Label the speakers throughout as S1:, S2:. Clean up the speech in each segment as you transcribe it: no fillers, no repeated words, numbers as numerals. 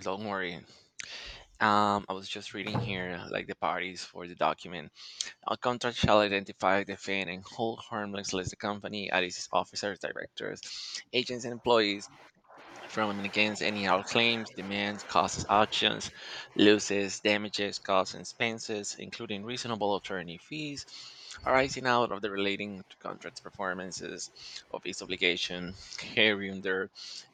S1: Don't worry. I was just reading here, like the parties for the document. A contract shall identify, defend, and hold harmless list the company and its officers, directors, agents, and employees from against any out claims, demands, causes actions, losses, damages, costs, and expenses, including reasonable attorney fees, arising out of the relating to contracts performances of its obligation hereunder,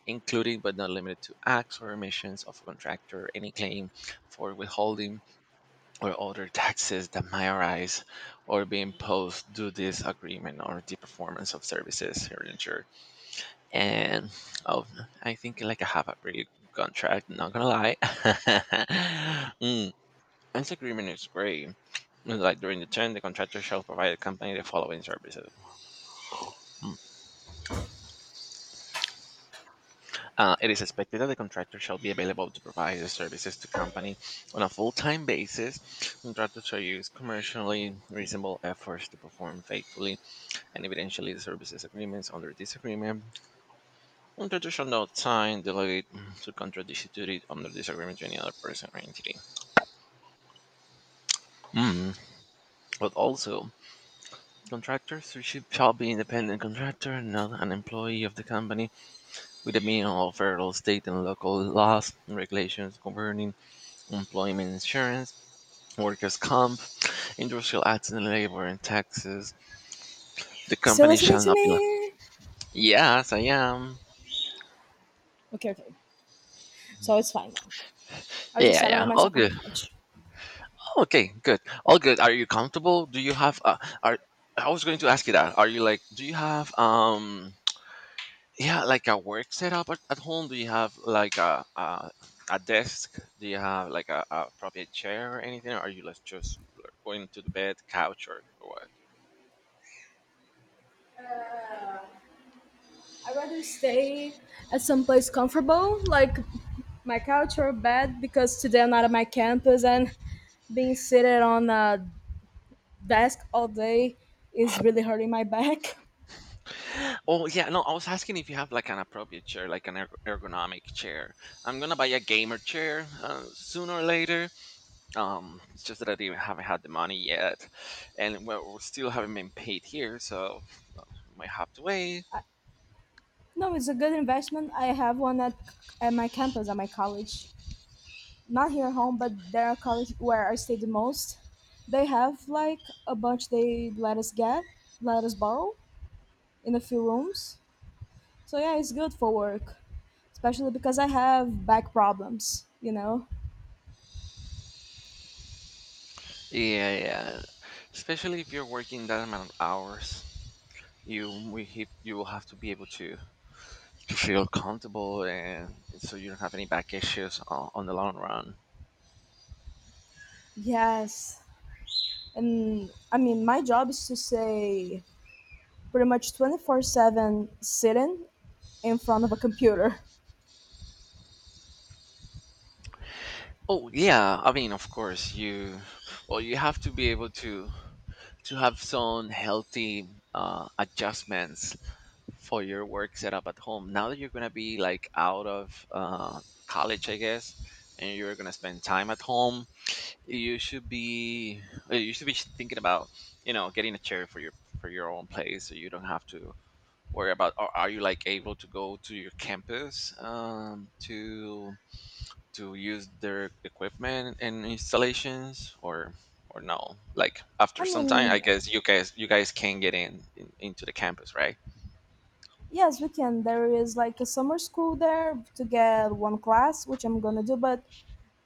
S1: including but not limited to acts or omissions of a contractor, any claim for withholding or other taxes that may arise or be imposed due to this agreement or the performance of services hereunder and oh, I think like I have a pretty good contract. Not gonna lie, mm, this agreement is great. Like during the term, the contractor shall provide the company the following services. Mm. It is expected that the contractor shall be available to provide the services to company on a full-time basis. Contractor shall use commercially reasonable efforts to perform faithfully and evidentially the services agreements under this agreement In traditional time, delegate to contradisputed under disagreement to any other person or entity. Mm. But also, contractors who should shall be independent contractor, not an employee of the company, with the meaning of federal, state, and local laws and regulations governing employment insurance, workers' comp, industrial accident, labor, and taxes. The
S2: Still
S1: company
S2: listening
S1: shall
S2: to
S1: not be.
S2: me?
S1: Yes, I am.
S2: Okay, okay. So it's fine now. I'll just
S1: Yeah,
S2: settle
S1: yeah, all
S2: myself on the
S1: good.
S2: couch.
S1: Okay, good. All good. Are you comfortable? Do you have are I was going to ask you that. Are you like do you have yeah, like a work setup at home? Do you have like a desk? Do you have like a probably a chair or anything? Or are you like just going to the bed, couch or what?
S2: I'd rather stay at some place comfortable, like my couch or bed, because today I'm not at my campus and being seated on a desk all day is really hurting my back.
S1: Oh yeah, no, I was asking if you have like an appropriate chair, like an ergonomic chair. I'm gonna buy a gamer chair sooner or later. It's just that I didn't, haven't had the money yet, and well, we still haven't been paid here, so uh, might have to wait.
S2: No, it's a good investment. I have one at my campus, at my college. Not here at home, but there at college where I stay the most. They have like a bunch they let us borrow in a few rooms. So yeah, it's good for work, especially because I have back problems, you know?
S1: Yeah, yeah. Especially if you're working that amount of hours, you will have to be able to feel comfortable, and so you don't have any back issues on the long run.
S2: Yes. And I mean, my job is to say pretty much 24/7 sitting in front of a computer.
S1: Oh yeah, I mean, of course you. Well, you have to be able to have some healthy adjustments for your work setup at home. Now that you're gonna be like out of college, I guess, and you're gonna spend time at home, you should be you should be thinking about you know getting a chair for your own place, so you don't have to worry about. Or are you like able to go to your campus to use their equipment and installations, or no? Like after
S2: I
S1: some time, I
S2: mean,
S1: guess you guys can get in into the campus, right?
S2: yes, we can. There is like a summer school there to get one class, which I'm gonna do, but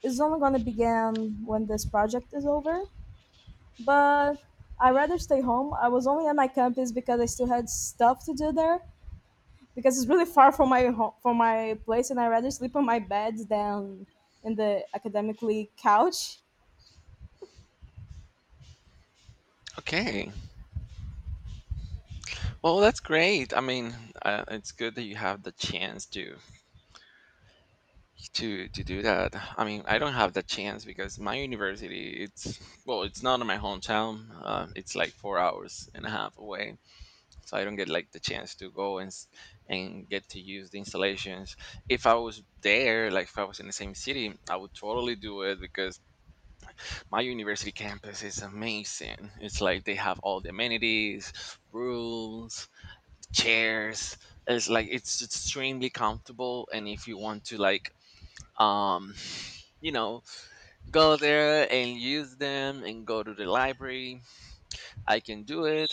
S2: it's only gonna begin when this project is over. But I rather stay home. I was only at my campus because I still had stuff to do there, because it's really far from my home, from my place, and I rather sleep on my bed than in the academically couch.
S1: Okay. Well, that's great. I mean, it's good that you have the chance to to do that. I mean, I don't have the chance because my university, it's well, it's not in my hometown. It's like 4 hours and a half away, so I don't get like the chance to go and and get to use the installations. If I was there, like if I was in the same city, I would totally do it because my university campus is amazing. It's like they have all the amenities, rooms, chairs. It's like it's extremely comfortable and if you want to like um you know go there and use them and go to the library I can do it.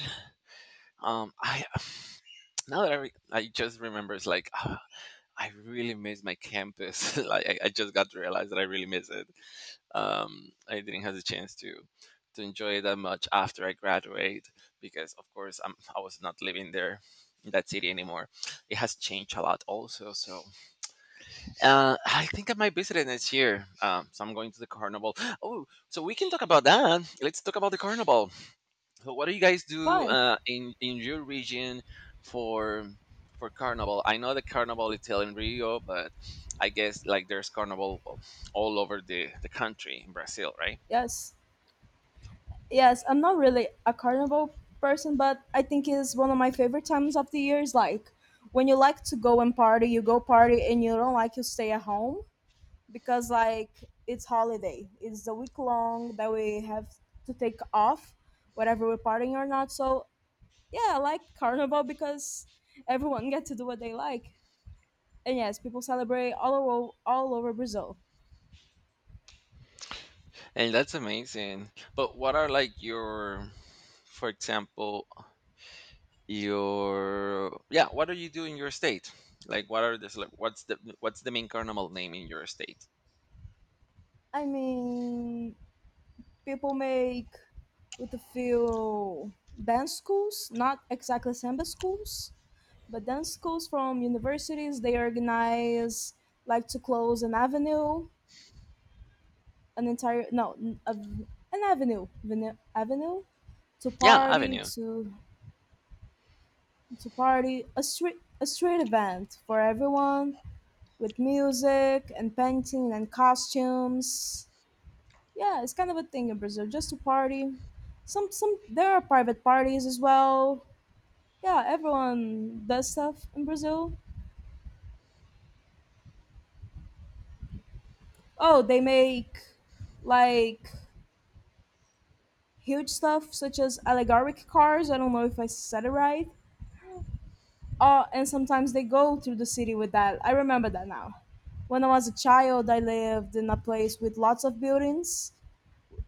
S1: I now that I just remember it's like ah, I really miss my campus like I just got to realize that I really miss it. I didn't have the chance to enjoy it that much after I graduate, because of course I was not living there in that city anymore. It has changed a lot also, so I think I might visit it next year. So I'm going to the carnival. Oh, so we can talk about that. Let's talk about the carnival. So what do you guys do
S2: Fine.
S1: in your region for for carnival? I know the carnival is held in Rio, but I guess like there's carnival all over the country in Brazil, right?
S2: Yes. Yes, I'm not really a carnival person, but I think it's one of my favorite times of the year. Is like when you like to go and party, you go party, and you don't like to stay at home because like it's holiday. It's a week long that we have to take off, whether we're partying or not. So yeah, I like carnival because everyone get to do what they like. And yes, people celebrate all over Brazil.
S1: And that's amazing. But what are like your, for example, your yeah what do you do in your state, like what are this like what's the main carnival name in your state.
S2: I mean, people make with a few dance schools, not exactly samba schools, but dance schools from universities. They organize like to close an avenue, an entire no, n- a, an avenue, vene- avenue to
S1: Yeah,
S2: party
S1: avenue.
S2: to to party a street event for everyone with music and painting and costumes. Yeah, it's kind of a thing in Brazil, just to party. Some there are private parties as well. Yeah, everyone does stuff in Brazil. Oh, they make like huge stuff such as allegoric cars. I don't know if I said it right. And sometimes they go through the city with that. I remember that now. When I was a child, I lived in a place with lots of buildings,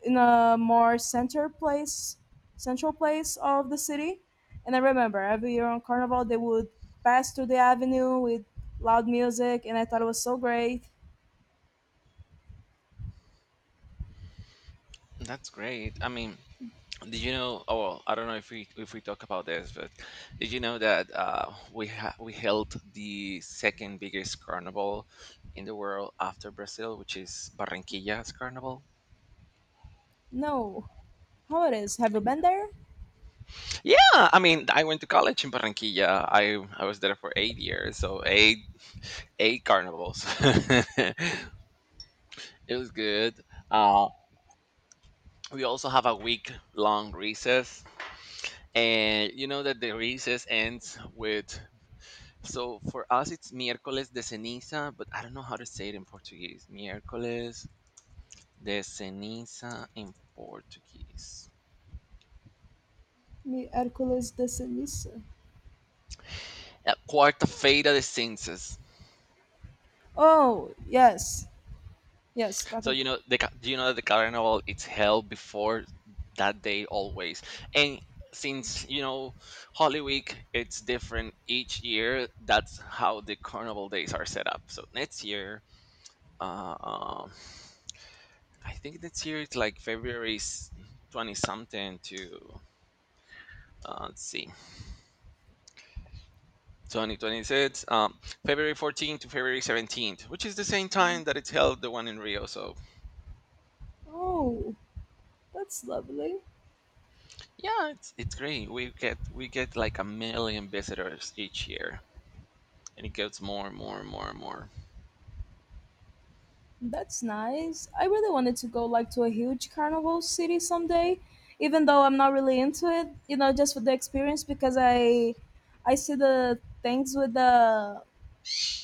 S2: in a central place of the city. And I remember every year on Carnival they would pass through the avenue with loud music, and I thought it was so great.
S1: That's great, I mean, did you know oh well, I don't know if we talk about this but did you know that we we held the second biggest carnival in the world after Brazil, which is Barranquilla's carnival?
S2: No, how it is? Have you
S1: Y-
S2: been there?
S1: yeah, I mean, I went to college in Barranquilla. I was there for 8 years, so eight carnivals. It was good. Uh, we also have a week long recess, and you know that the recess ends with. So for us, it's miércoles de ceniza, but I don't know how to say it in Portuguese. Miércoles de ceniza in Portuguese.
S2: Mi Hércules de Ceniza.
S1: Quarta-feira de cinzas.
S2: Oh yes, yes, got
S1: So
S2: it.
S1: you know the you know the carnival it's held before that day always, and since you know Holy Week it's different each year. That's how the carnival days are set up. So next year, uh, um, I think next year it's like February twenty something to let's see. 2026, February 14th to February 17th, which is the same time that it's held the one in Rio. So
S2: Oh, that's lovely.
S1: yeah, it's great. We get like a million visitors each year, and it gets more and more and more and more.
S2: That's nice. I really wanted to go like to a huge carnival city someday, even though I'm not really into it, just for the experience because I see the things with the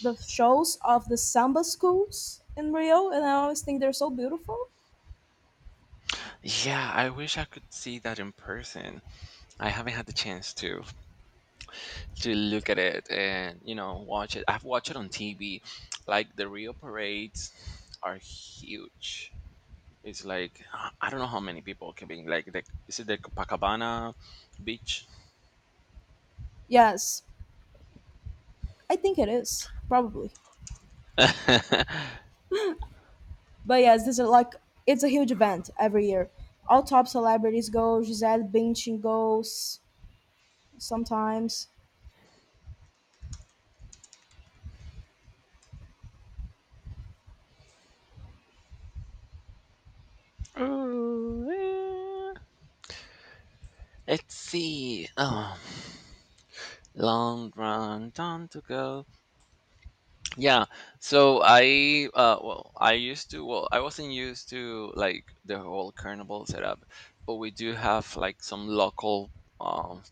S2: the shows of the samba schools in Rio and I always think they're so beautiful.
S1: Yeah, I wish I could see that in person. I haven't had the chance to look at it and you know watch it. I've watched it on TV. Like the Rio parades are huge. It's like I don't know how many people can be like the is it the Copacabana beach?
S2: Yes, I think it is, probably. But yes, this is like it's a huge event every year. All top celebrities go, Gisele Bündchen goes sometimes.
S1: Ooh, eh. Let's see. Oh. Long run, time to go. Yeah. So well, I used to, well, I wasn't used to like the whole carnival setup, but we do have like some local um,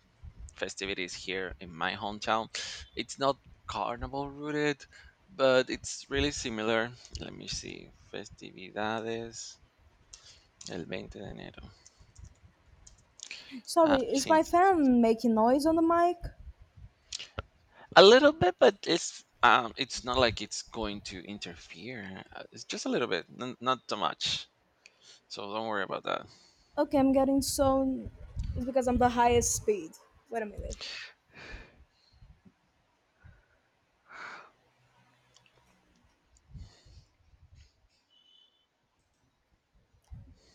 S1: festivities here in my hometown. It's not carnival rooted, but it's really similar. Let me see. Festividades el veinte de enero. Ah,
S2: Sorry, is
S1: sí.
S2: my fan making noise on the mic?
S1: A little bit, but it's not like it's going to interfere. It's just a little bit, not too much. So don't worry about that.
S2: Okay, I'm getting so. It's because I'm the highest speed. Wait a minute.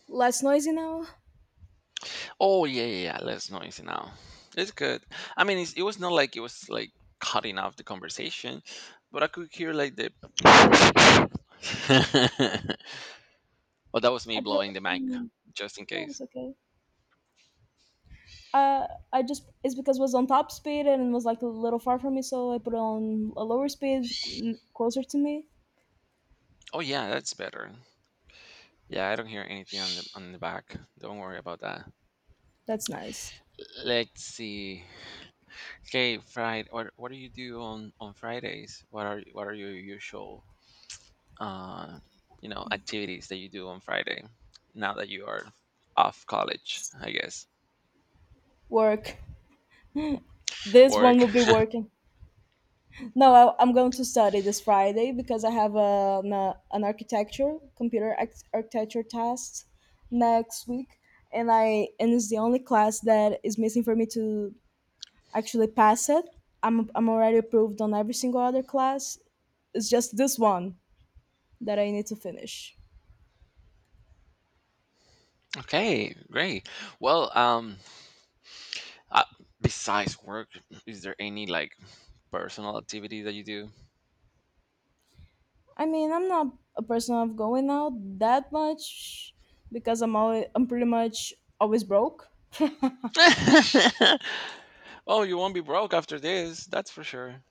S2: Less noisy now.
S1: Oh yeah, yeah, yeah, less noisy now. It's good. I mean, it was not like it was like cutting off the conversation, but I could hear like the. well, that was me
S2: I put.
S1: blowing the mic,
S2: On-
S1: just in
S2: No,
S1: case.
S2: it's okay. Uh, I just it's because it was on top speed and it was like a little far from me, so I put it on a lower speed, closer to me.
S1: Oh yeah, that's better. Yeah, I don't hear anything on the back. Don't worry about that.
S2: That's nice.
S1: Let's see. Okay, Friday. What do you do on Fridays? What are your usual uh, you know activities that you do on Friday now that you are off college, I guess.
S2: Work. This one
S1: Work.
S2: will be working. No, I'm going to study this Friday because I have an architecture computer architecture test next week, and it's the only class that is missing for me to actually pass it. I'm already approved on every single other class. It's just this one that I need to finish.
S1: Okay, great. Well, uh, besides work, is there any like personal activity that you do?
S2: I mean, I'm not a person of going out that much because I'm pretty much always broke.
S1: oh, you won't be broke after this. That's for sure.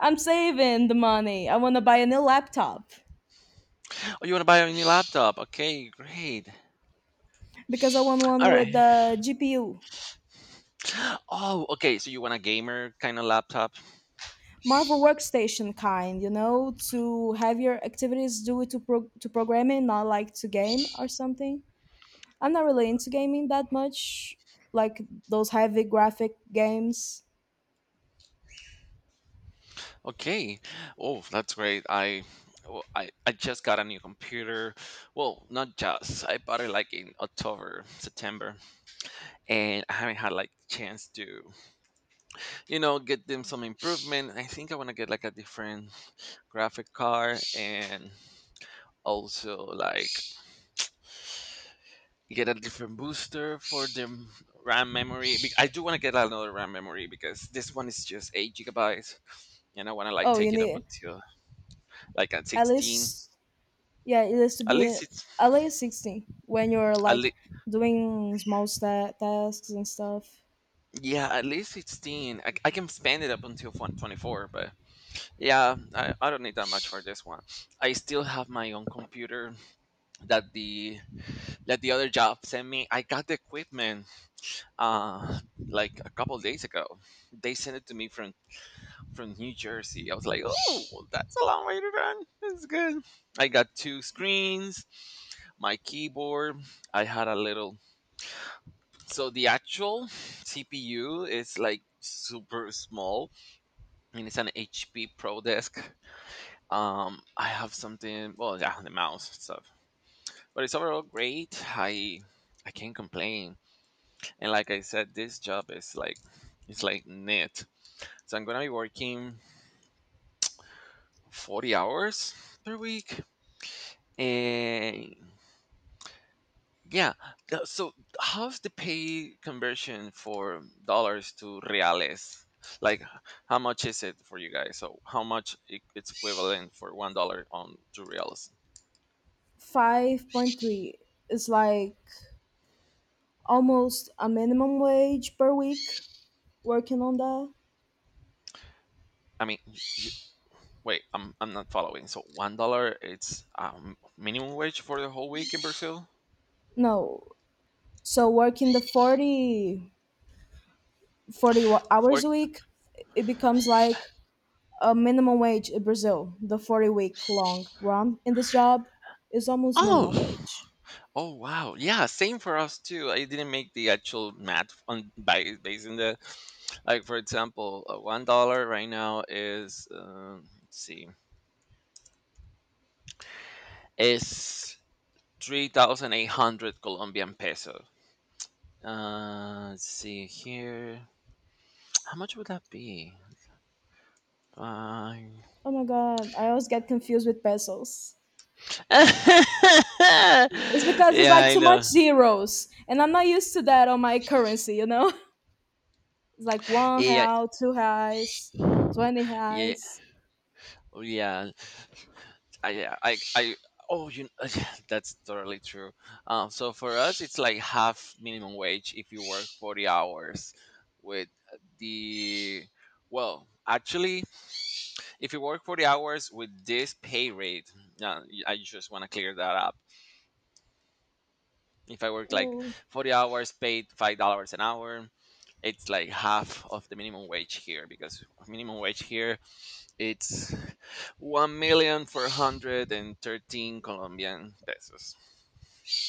S2: I'm saving the money. I want to buy a new laptop
S1: Oh, you want to buy a new laptop? Okay, great.
S2: because I want one
S1: All right.
S2: with the GPU,
S1: Oh, okay. So you want a gamer kind of laptop?
S2: Marvel workstation kind, to have your activities do it to programming, not like to game or something. I'm not really into gaming that much, like those heavy graphic games.
S1: Okay. Oh, that's great. I well, I just got a new computer. Well, not just. I bought it like in October, September, and I haven't had like chance to, you know, get them some improvement. I think I want to get like a different graphic card and also like get a different booster for the RAM memory. I do want to get another RAM memory because this one is just 8 gigabytes and I want to like
S2: Oh, you
S1: take it up
S2: need
S1: until like at
S2: at
S1: 16.
S2: least, yeah, it has to
S1: At
S2: be
S1: least it's
S2: at least 16 when you're
S1: at, le-
S2: like doing small sta tasks and stuff.
S1: yeah, at least 16. I can spend it up until 24, but yeah, I don't need that much for this one. I still have my own computer that the that the other job sent me. I got the equipment uh like a couple days ago. They sent it to me from New Jersey. I was like, "Oh, well, that's a long way to run. That's good." I got two screens, my keyboard. I had a little so the actual CPU is like super small and it's an HP Pro desk. I have something. Well, yeah, the mouse and stuff, but it's overall great. I can't complain. And like I said, this job is like it's like knit. So I'm gonna be working 40 hours per week, and yeah. So how's the pay conversion for dollars to reales? Like, how much is it for you guys? So how much it's equivalent for $1 on two reals?
S2: 5.3 is like almost a minimum wage per week working on that.
S1: I mean, wait, I'm not following. So $1 it's minimum wage for the whole week in Brazil.
S2: No, so working the forty forty 40
S1: For
S2: hours a week, it becomes like a minimum wage in Brazil, the 40-week long run in this job is almost
S1: oh,
S2: minimum wage.
S1: oh, wow, yeah, same for us too. I didn't make the actual math on by basing the like for example $1 right now is let's see, is 3,800 Colombian peso. Let's see here. How much would that be? Five.
S2: Oh my god, I always get confused with pesos.
S1: Yeah,
S2: It's because it's like
S1: I
S2: too much
S1: know.
S2: zeros, and I'm not used to that on my currency, you know? It's like one
S1: Yeah.
S2: real, two reais, 20
S1: Yeah,
S2: reais.
S1: oh, yeah. I, yeah, I. Oh, you. That's totally true. So for us, it's like half minimum wage if you work 40 hours. With the, well, actually, if you work 40 hours with this pay rate, I just want to clear that up. If I work like
S2: Oh.
S1: 40 hours, paid $5 an hour, it's like half of the minimum wage here because minimum wage here it's one million four hundred and thirteen Colombian pesos.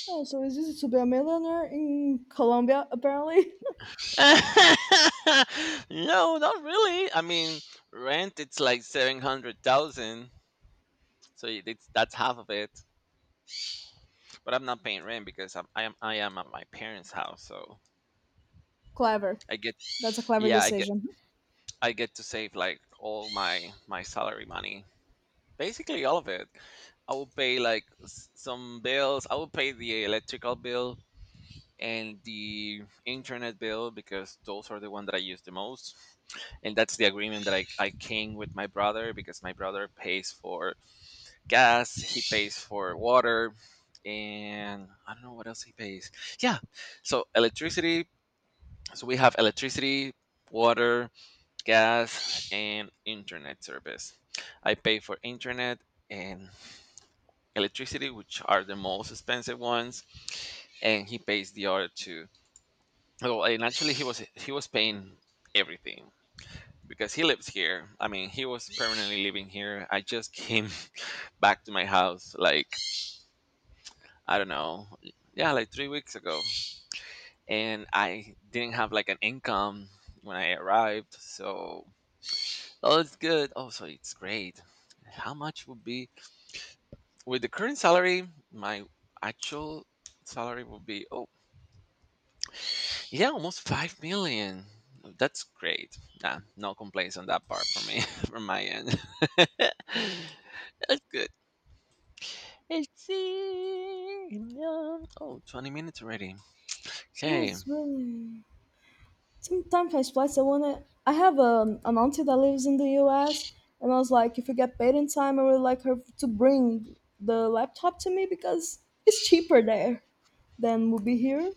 S2: Oh, so it's easy to be a millionaire in Colombia, apparently.
S1: No, not really. I mean, rent it's like 700,000, so it's that's half of it. But I'm not paying rent because I am at my parents' house, so
S2: Clever.
S1: I get,
S2: That's a clever
S1: yeah, I get,
S2: decision.
S1: I get to save like all my salary money, basically all of it. I will pay like some bills. I will pay the electrical bill and the internet bill because those are the one that I use the most. And that's the agreement that I came with my brother because my brother pays for gas, he pays for water, and I don't know what else he pays. Yeah, so electricity. So we have electricity, water, gas, and internet service. I pay for internet and electricity, which are the most expensive ones, and he pays the other two well, and actually, he was paying everything because he lives here. I mean, he was permanently living here. I just came back to my house like I don't know, yeah, like 3 weeks ago, and I didn't have like an income when I arrived. So, oh, it's good. Oh, so it's great. How much would be with the current salary? My actual salary would be oh, yeah, almost 5 million. That's great. Nah, no complaints on that part from me, from my end. That's good. Let's see. Yeah. Oh, 20 minutes already. Okay.
S2: Yes, really. Sometimes I splice. I wanna. I have an auntie that lives in the U.S. and I was like, if we get paid in time, I would like her to bring the laptop to me because it's cheaper there than would be here.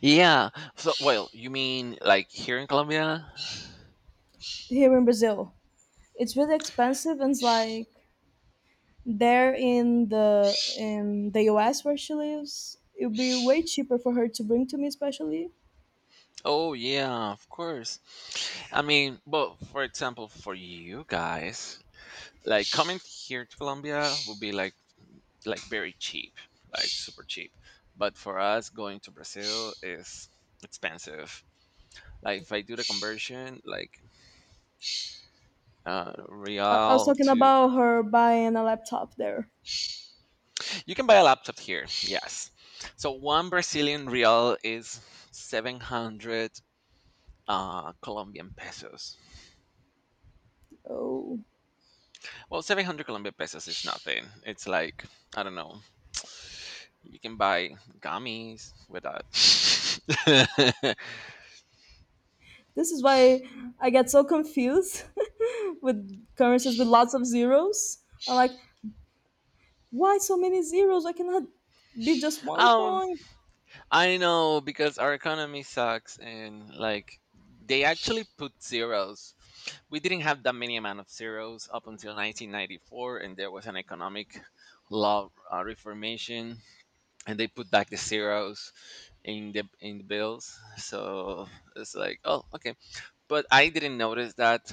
S1: Yeah. So, well, you mean like here in Colombia?
S2: Here in Brazil, it's really expensive, and it's like there in the U.S. where she lives, it would be way cheaper for her to bring to me, especially.
S1: Oh, yeah, of course. I mean, but for example, for you guys, like coming here to Colombia would be like very cheap, like super cheap. But for us, going to Brazil is expensive. Like if I do the conversion, like
S2: I was
S1: real
S2: talking
S1: to
S2: about her buying a laptop there.
S1: you can buy a laptop here. Yes, so one Brazilian real is 700 Colombian pesos.
S2: Oh,
S1: Well, 700 Colombian pesos is nothing. It's like I don't know. You can buy gummies with that.
S2: this is why I get so confused with currencies with lots of zeros. I'm like, why so many zeros? Why cannot be just one
S1: um,
S2: coin?
S1: I know because our economy sucks and like they actually put zeros. We didn't have that many amount of zeros up until 1994 and there was an economic law reformation and they put back the zeros in the bills. So it's like, oh, okay. But I didn't notice that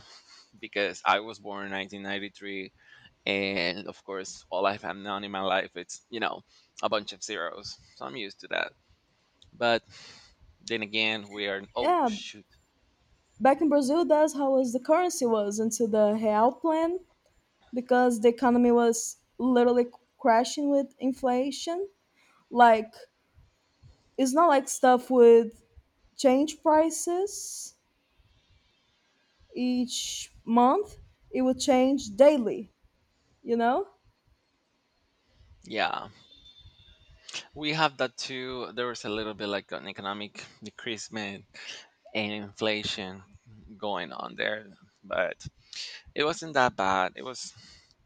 S1: because I was born in 1993 and of course all I've known in my life it's, you know, a bunch of zeros. So I'm used to that. But then again we are oh
S2: Yeah,
S1: shoot
S2: back in Brazil, that's how was the currency was until the real plan because the economy was literally crashing with inflation. Like it's not like stuff with change prices each month; it would change daily. You know?
S1: yeah we have that too, there was a little bit like an economic decreasement and inflation going on there but it wasn't that bad,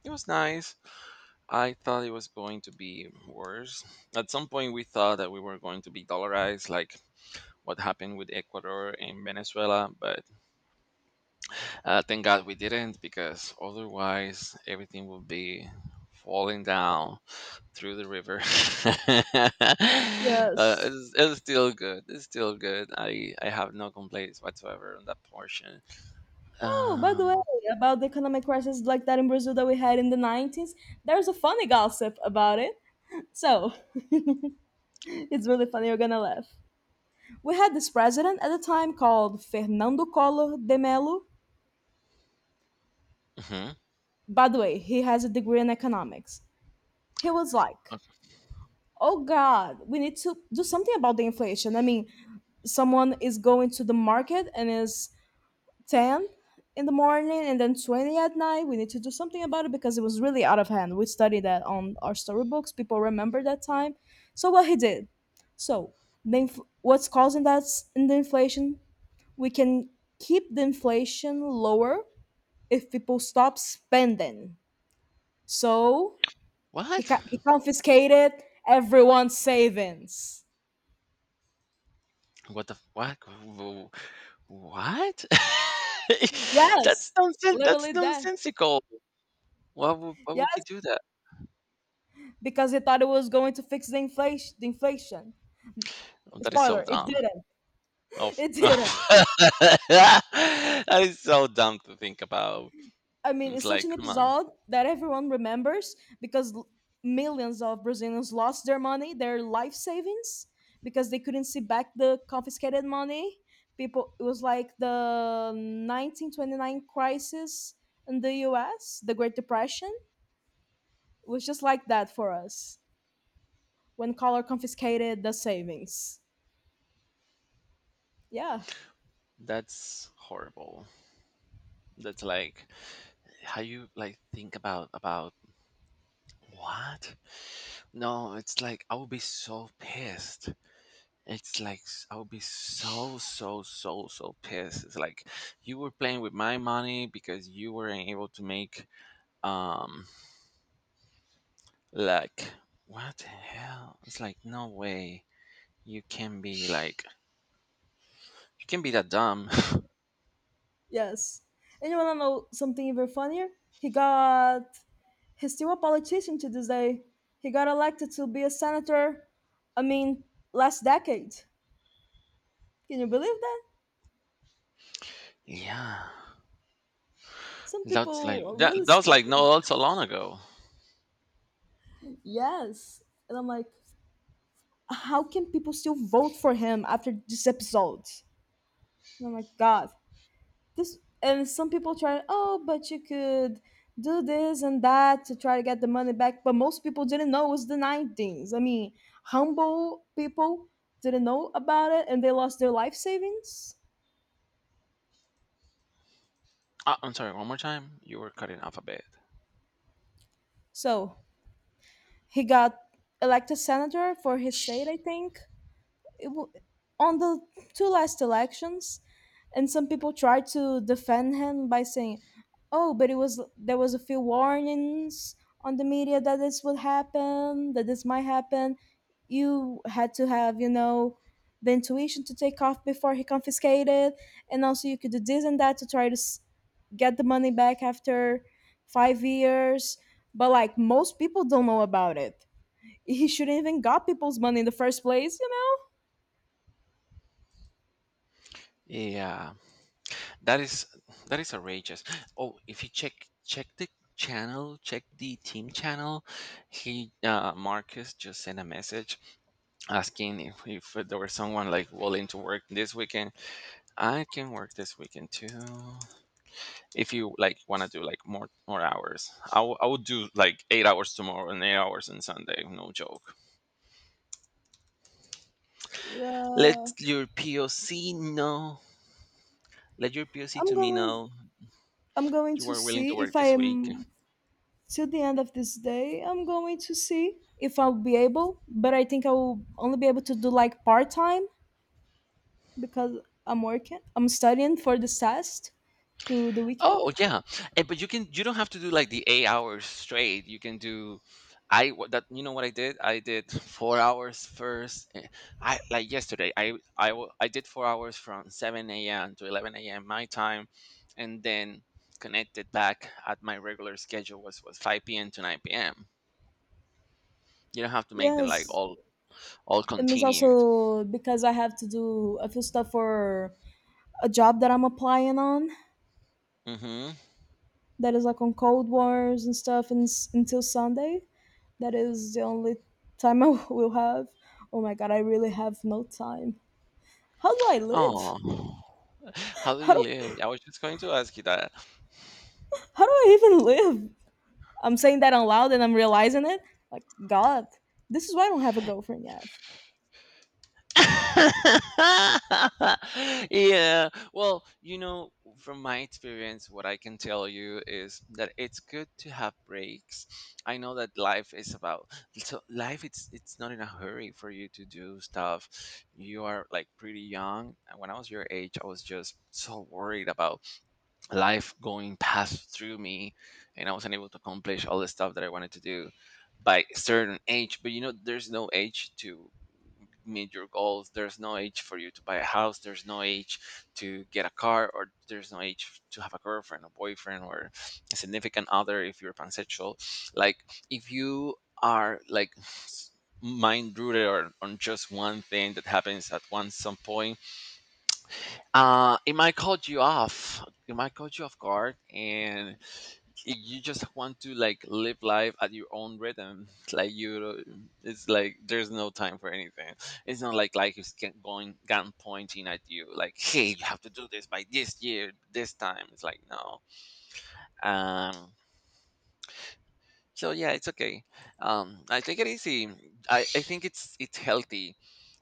S1: it was nice, I thought it was going to be worse. At some point we thought that we were going to be dollarized like what happened with Ecuador and Venezuela, but thank God we didn't, because otherwise everything would be falling down through the river. uh,
S2: Yes.
S1: it's still good. It's still good. I have no complaints whatsoever on that portion.
S2: Oh, by the way,
S1: Um.
S2: about the economic crisis like that in Brazil that we had in the 90s, there's a funny gossip about it. So, it's really funny, you're gonna laugh. We had this president at the time called Fernando Collor de Mello.
S1: Mhm.
S2: By the way, he has a degree in economics. He was like,
S1: Okay.
S2: oh God, we need to do something about the inflation. I mean, someone is going to the market and is 10 in the morning and then 20 at night. We need to do something about it because it was really out of hand. We studied that on our storybooks. People remember that time. So what he did, so the what's causing that in the inflation? We can keep the inflation lower if people stop spending. So he,
S1: What?
S2: ca- he confiscated everyone's savings.
S1: What the f- what? Wh- What? that's
S2: Yes,
S1: nonsen- That's
S2: literally that.
S1: nonsensical. Why would he
S2: Yes,
S1: do that?
S2: because he thought it was going to fix the inflation.
S1: Oh, that is so
S2: Spoiler, it
S1: dumb.
S2: didn't.
S1: Of
S2: It didn't.
S1: that is so dumb to think about.
S2: I mean,
S1: It's
S2: it's such
S1: like,
S2: an
S1: come on,
S2: episode that everyone remembers because millions of Brazilians lost their money, their life savings, because they couldn't see back the confiscated money. People, it was like the 1929 crisis in the US, the Great Depression. It was just like that for us when Collor confiscated the savings. Yeah,
S1: that's horrible. That's like how you like think about what? No, it's like I would be so pissed. I would be so so so so pissed. It's like you were playing with my money because you weren't able to make um like what the hell? It's like no way you can be like you can be that dumb.
S2: yes. And you want to know something even funnier? He got he's still a politician to this day. He got elected to be a senator, I mean, last decade. Can you believe that?
S1: Yeah,
S2: Some
S1: that's like
S2: people are
S1: that.
S2: really
S1: That was like
S2: stupid.
S1: no, that's so long ago.
S2: Yes. And I'm like, how can people still vote for him after this episode? And I'm like, God. This and some people try, oh, but you could do this and that to try to get the money back. But most people didn't know it was the 90s. I mean, humble people didn't know about it and they lost their life savings.
S1: Ah, I'm sorry. One more time. You were cutting off a bit.
S2: So he got elected senator for his state, I think, it w- on the two last elections. And some people tried to defend him by saying, "Oh, but it was there was a few warnings on the media that this would happen, that this might happen. You had to have, the intuition to take off before he confiscated, and also you could do this and that to try to get the money back after 5 years." But like most people don't know about it. He shouldn't even got people's money in the first place, you know?
S1: Yeah, that is that is outrageous. Oh, if you check the channel, check the team channel. He Marcus just sent a message asking if there was someone like willing to work this weekend. I can work this weekend too. If you like want to do like more hours, I would do like 8 hours tomorrow and 8 hours on Sunday. No joke.
S2: Yeah,
S1: Let your POC know. Let your POC
S2: I'm
S1: to me
S2: going.
S1: know
S2: I'm going
S1: you
S2: to
S1: are willing
S2: see
S1: to
S2: if
S1: work
S2: I
S1: this week.
S2: am till the end of this day. I'm going to see if I'll be able, but I think I will only be able to do like part time because I'm working. I'm studying for this test through the weekend.
S1: Oh yeah, and, but you can. You don't have to do like the 8 hours straight. You can do. That you know what I did? I did 4 hours first. I like yesterday. I did 4 hours from 7 a.m. to 11 a.m. my time, and then connected back at my regular schedule was 5 p.m. to 9 p.m. You don't have to make them like
S2: Yes,
S1: all
S2: and it's
S1: continued.
S2: also because I have to do a few stuff for a job that I'm applying on
S1: Hmm.
S2: that is like on Cold Wars and stuff and until Sunday. That is the only time I will have. Oh my god, I really have no time. How do I live?
S1: Oh, how do
S2: How
S1: you
S2: do
S1: live? I was just going to ask you that.
S2: how do I even live? I'm saying that out loud and I'm realizing it. Like God, this is why I don't have a girlfriend yet.
S1: Yeah. Well, you know, from my experience, what I can tell you is that it's good to have breaks. I know that life is about so life. It's not in a hurry for you to do stuff. You are like pretty young. And when I was your age, I was just so worried about life going past through me and I wasn't able to accomplish all the stuff that I wanted to do by certain age, but you know there's no age to meet your goals, there's no age for you to buy a house, there's no age to get a car, or there's no age to have a girlfriend, a boyfriend, or a significant other if you're pansexual, like if you are like mind rooted or on just one thing that happens at one some point, it might cut you off. It might cut you off guard, and you just want to like live life at your own rhythm. Like you, it's like there's no time for anything. It's not like life is going gun pointing at you. Like, hey, you have to do this by this year, this time. It's like no. Um. So yeah, it's okay. I take it easy. I think it's healthy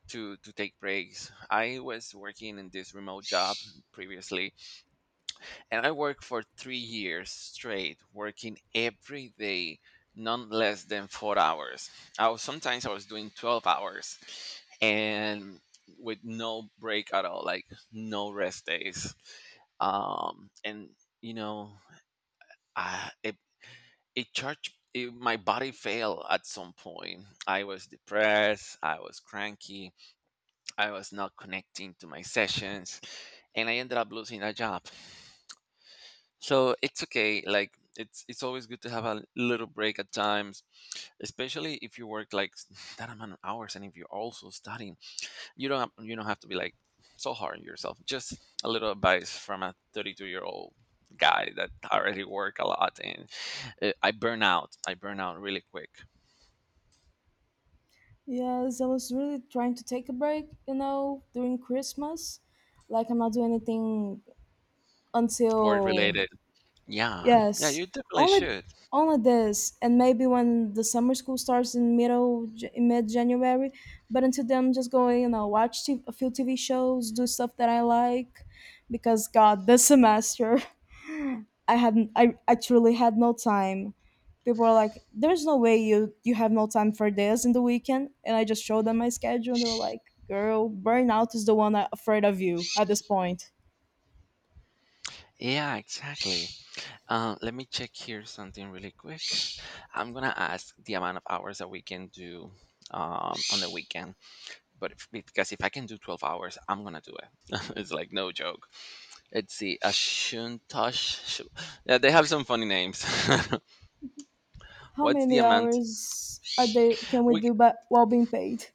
S1: to take breaks. I was working in this remote job previously, and I worked for 3 years straight, working every day, none less than 4 hours. I was, sometimes I was doing 12 hours and with no break at all, like no rest days. And, you know, I, it, it charged, it, my body failed at some point. I was depressed, I was cranky, I was not connecting to my sessions, and I ended up losing a job. So it's okay, like it's always good to have a little break at times, especially if you work like that amount of hours and if you're also studying, you don't have to be like so hard on yourself, just a little advice from a 32-year-old guy that already work a lot and I burn out, I burn out really quick.
S2: Yes, I was really trying to take a break, during Christmas. Like, I'm not doing anything
S1: Work
S2: until.
S1: related, yeah, yeah,
S2: Yes,
S1: you definitely
S2: only
S1: should.
S2: only this, and maybe when the summer school starts in mid January. But until then, I'm just going watch a few TV shows, do stuff that I like, because God, this semester, I truly had no time. People are like, "There's no way you have no time for this in the weekend," and I just showed them my schedule, and they are like, "Girl, burnout is the one that afraid of you at this point."
S1: Yeah, exactly. Let me check here something really quick. I'm gonna ask the amount of hours that we can do on the weekend, but if, because if I can do 12 hours, I'm gonna do it. It's like no joke. Let's see, Ashuntosh. Shu- Yeah, they have some funny names.
S2: How
S1: What's the
S2: many
S1: amount?
S2: hours a day can we
S1: We, c-
S2: do but while being paid?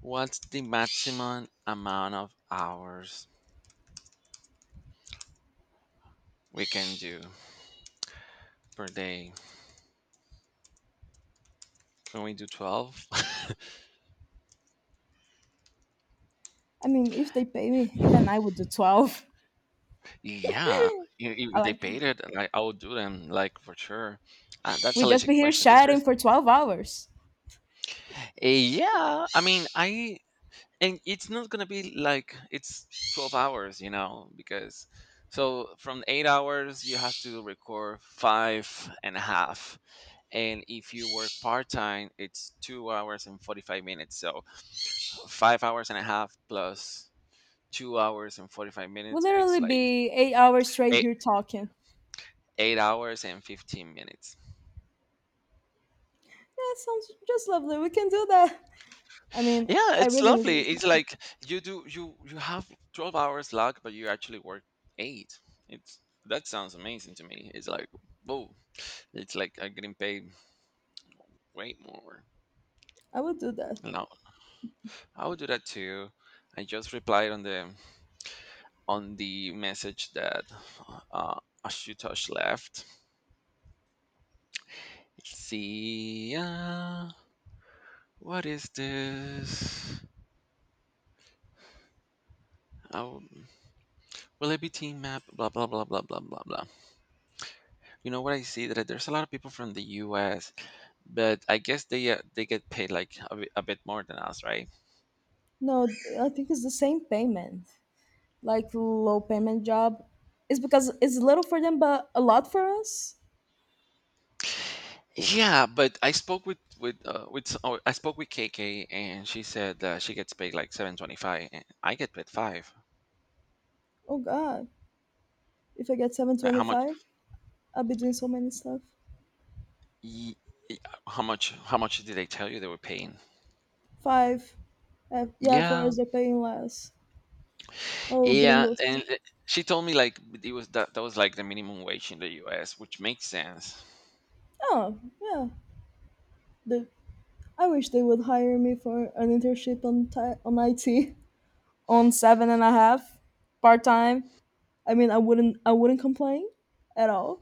S1: what's the maximum amount of hours we can do per day? Can we do 12?
S2: I mean, if they pay me, even I would do 12.
S1: Yeah,
S2: I
S1: if they
S2: like,
S1: paid it, like I would do them, like for sure. That's a
S2: we'd just
S1: legit
S2: be here
S1: question. It's
S2: chatting
S1: just,
S2: for 12 hours.
S1: yeah. I mean, I and it's not gonna be like it's 12 hours, because so from 8 hours you have to record five and a half, and if you work part time, it's 2 hours and 45 minutes. So 5 hours and a half plus 2 hours and forty five
S2: We'll
S1: minutes, it's
S2: literally
S1: like
S2: be 8 hours straight
S1: eight
S2: here talking.
S1: eight hours and 15 minutes.
S2: Yeah, sounds just lovely. We can do that. I mean,
S1: Yeah,
S2: I
S1: it's
S2: really need
S1: lovely.
S2: this
S1: It's
S2: money.
S1: like you do you you have 12 hours lag, but you actually work eight. It's That sounds amazing to me. It's like, whoa, it's like I'm getting paid way more.
S2: I would do that.
S1: No, I would do that too. I just replied on the message that uh, Ashutosh left. See ya. What is this? Oh, will it be team map? Blah blah blah blah blah blah blah. You know what, I see that there's a lot of people from the U.S, but I guess they get paid like a bit more than us, right?
S2: No, I think it's the same payment, like low payment job. It's because it's little for them, but a lot for us.
S1: Yeah, but I spoke with s- oh, I spoke with KK and she said that she gets paid like 7.25 and I get paid five.
S2: Oh God, if I get seven
S1: Like,
S2: twenty
S1: how much?
S2: five, I'll be doing so many stuff.
S1: y- y- How much? How much did they tell you they were paying?
S2: Five, yeah, for
S1: Yeah,
S2: us they're paying less. Oh,
S1: yeah,
S2: gringos.
S1: and she told me like it was that was like the minimum wage in the U.S., which makes sense.
S2: Oh yeah, the I wish they would hire me for an internship on IT on 7.5 part time. I mean, I wouldn't complain at all.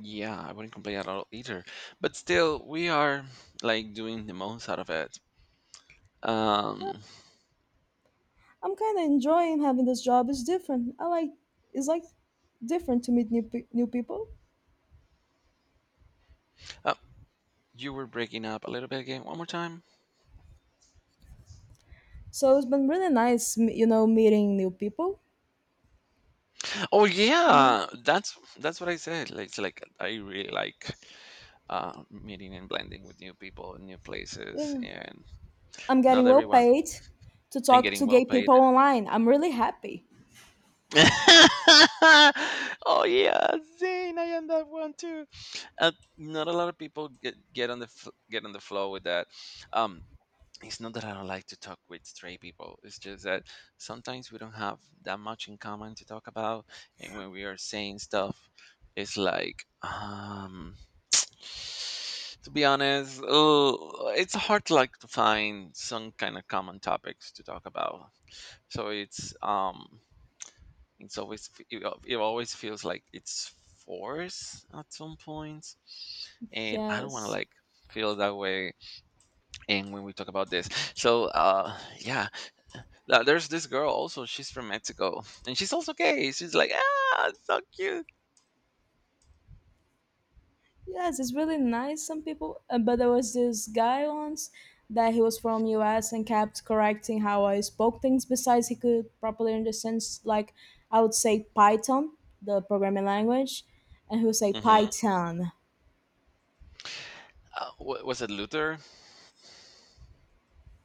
S1: Yeah, I wouldn't complain at all either. But still, we are like doing the most out of it. Um,
S2: I'm kind of enjoying having this job. It's different. I like it's like different to meet new new people.
S1: You were breaking up a little bit again. One more time.
S2: So it's been really nice, meeting new people.
S1: Oh
S2: Mhm.
S1: yeah, that's what I said. Like, it's like I really like meeting and blending with new people, and new places,
S2: Yeah,
S1: and
S2: I'm
S1: not
S2: getting well
S1: everyone,
S2: paid to
S1: and
S2: talk
S1: getting
S2: to
S1: well
S2: gay
S1: paid.
S2: people online. I'm really happy.
S1: Oh yeah, Zane, I am that one too. Uh, Not a lot of people get on the flow with that. Um, it's not that I don't like to talk with straight people. It's just that sometimes we don't have that much in common to talk about, and when we are saying stuff, it's like, to be honest, it's hard to like to find some kind of common topics to talk about. So it always feels like it's forced at some points, and I don't want to
S2: Yes.
S1: like feel that way. And when we talk about this, so yeah, now, there's this girl also. She's from Mexico, and she's also gay. She's like, ah, it's so cute.
S2: Yes, it's really nice. Some people, but there was this guy once that he was from US and kept correcting how I spoke things. Besides, he could properly understand like I would say Python, the programming language, and he would say
S1: Hmm.
S2: Python.
S1: Was it Luther?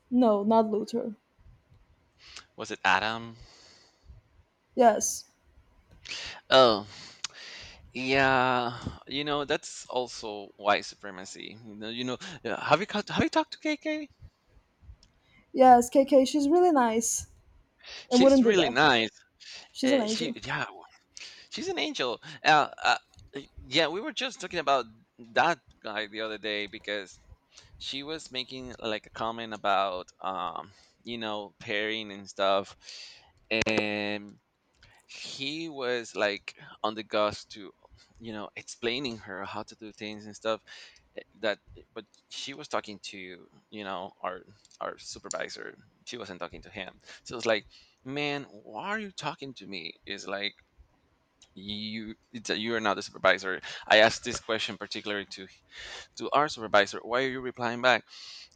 S2: No, not Luther.
S1: Was it Adam?
S2: Yes,
S1: Oh, yeah. You know, that's also white supremacy. You know. You know. Yeah, have you talked to KK?
S2: yes, KK. She's really nice and
S1: She's
S2: wouldn't do
S1: really
S2: that.
S1: nice.
S2: She's an
S1: Uh, she,
S2: angel.
S1: yeah, she's an angel. Uh, uh, yeah, we were just talking about that guy the other day because she was making like a comment about pairing and stuff, and he was like on the gust to, explaining her how to do things and stuff, eh, that but she was talking to, our supervisor. She wasn't talking to him, so it's like, man, why are you talking to me? Is like, you are not the supervisor. I asked this question particularly to our supervisor. Why are you replying back?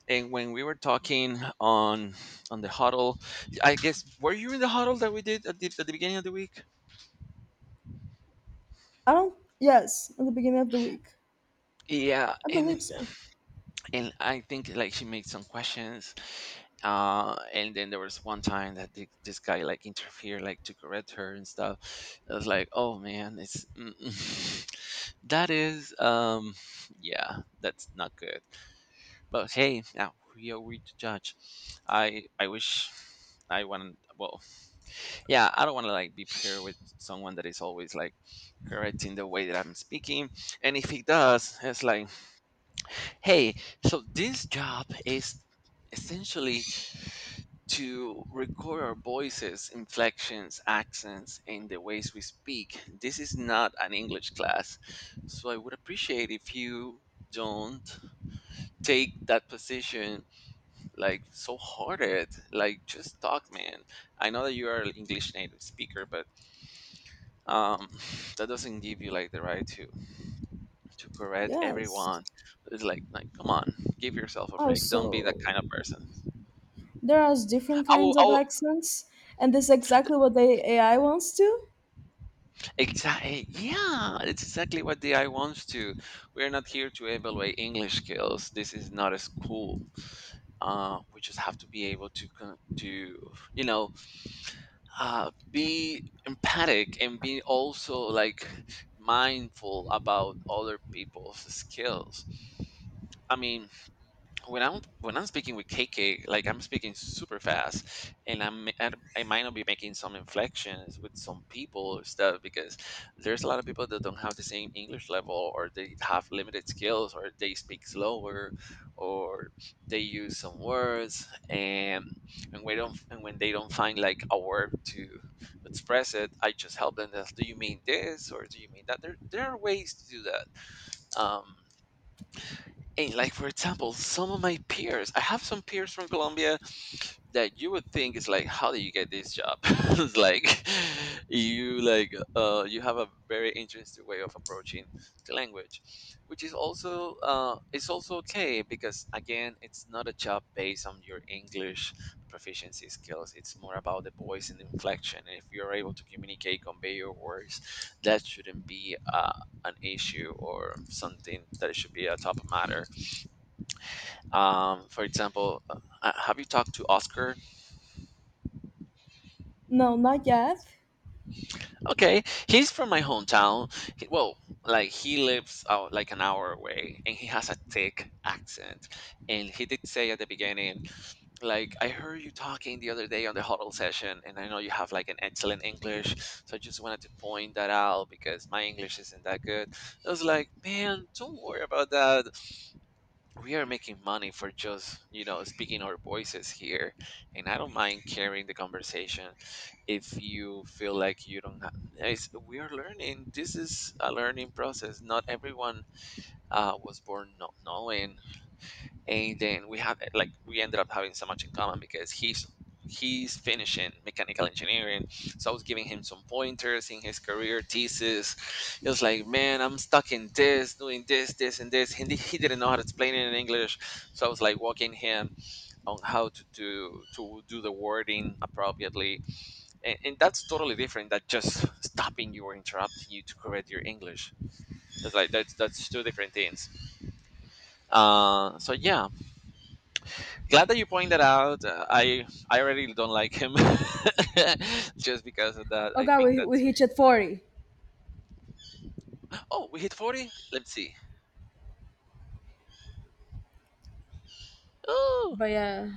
S1: And when we were talking on the huddle, I guess, were you in the huddle that we did at the beginning of the week?
S2: I don't. Yes, at the beginning of the week,
S1: Yeah,
S2: I
S1: and
S2: believe so.
S1: and I think like she made some questions, and then there was one time that this guy like interfered, like to correct her and stuff. I was like, oh man, that is yeah, that's not good. But hey, now we are we to judge. I wish I wanted, well, yeah, I don't want to like be paired with someone that is always like correcting the way that I'm speaking. And if he does, it's like, hey, so this job is essentially to record our voices, inflections, accents, and the ways we speak. This is not an English class, so I would appreciate if you don't take that position like so hard at it. Like, just talk, man. I know that you are an English native speaker, but um, that doesn't give you like the right to correct
S2: Yes.
S1: everyone. It's like, come on, give yourself a break. Don't be that
S2: Also,
S1: kind of person.
S2: there are different
S1: I will,
S2: kinds
S1: I
S2: of
S1: will
S2: accents, and this is exactly what the AI wants to.
S1: exactly, yeah. It's exactly what the I wants to. We're not here to evaluate English skills. This is not a school. We just have to be able to to be empathic and be also like mindful about other people's skills. I mean, when I'm speaking with KK, like I'm speaking super fast, and I might not be making some inflections with some people or stuff because there's a lot of people that don't have the same English level, or they have limited skills, or they speak slower, or they use some words, and we don't, and when they don't find like a word to express it, I just help them. As, do you mean this or do you mean that? There are ways to do that. Um, and like for example, some of my peers, I have some peers from Colombia that you would think is like, how do you get this job? It's like, you have a very interesting way of approaching the language, which is also okay because again, it's not a job based on your English proficiency skills. It's more about the voice and the inflection. And if you're able to communicate, convey your words, that shouldn't be an issue or something that should be a top matter. For example, have you talked to Oscar?
S2: No, not yet.
S1: Okay, he's from my hometown. Well, like he lives out like an hour away, and he has a thick accent. And he did say at the beginning, like, "I heard you talking the other day on the huddle session, and I know you have like an excellent English, so I just wanted to point that out because my English isn't that good." I was like, "Man, don't worry about that. We are making money for just, speaking our voices here, and I don't mind carrying the conversation. If you feel like you don't have, we are learning. This is a learning process. Not everyone was born not knowing. And then we have like we ended up having so much in common because he's finishing mechanical engineering, so I was giving him some pointers in his career thesis. He was like, man, I'm stuck in this doing this, this, and this. He didn't know how to explain it in English, so I was like walking him on how to do the wording appropriately. And that's totally different than just stopping you or interrupting you to correct your English. It's like, that's two different things. So yeah, glad that you point that out. I already don't like him just because of that.
S2: Oh
S1: I
S2: god,
S1: think
S2: we
S1: that's
S2: we
S1: rude."
S2: hit at 40.
S1: Oh, we hit 40. Let's see. Oh,
S2: But yeah.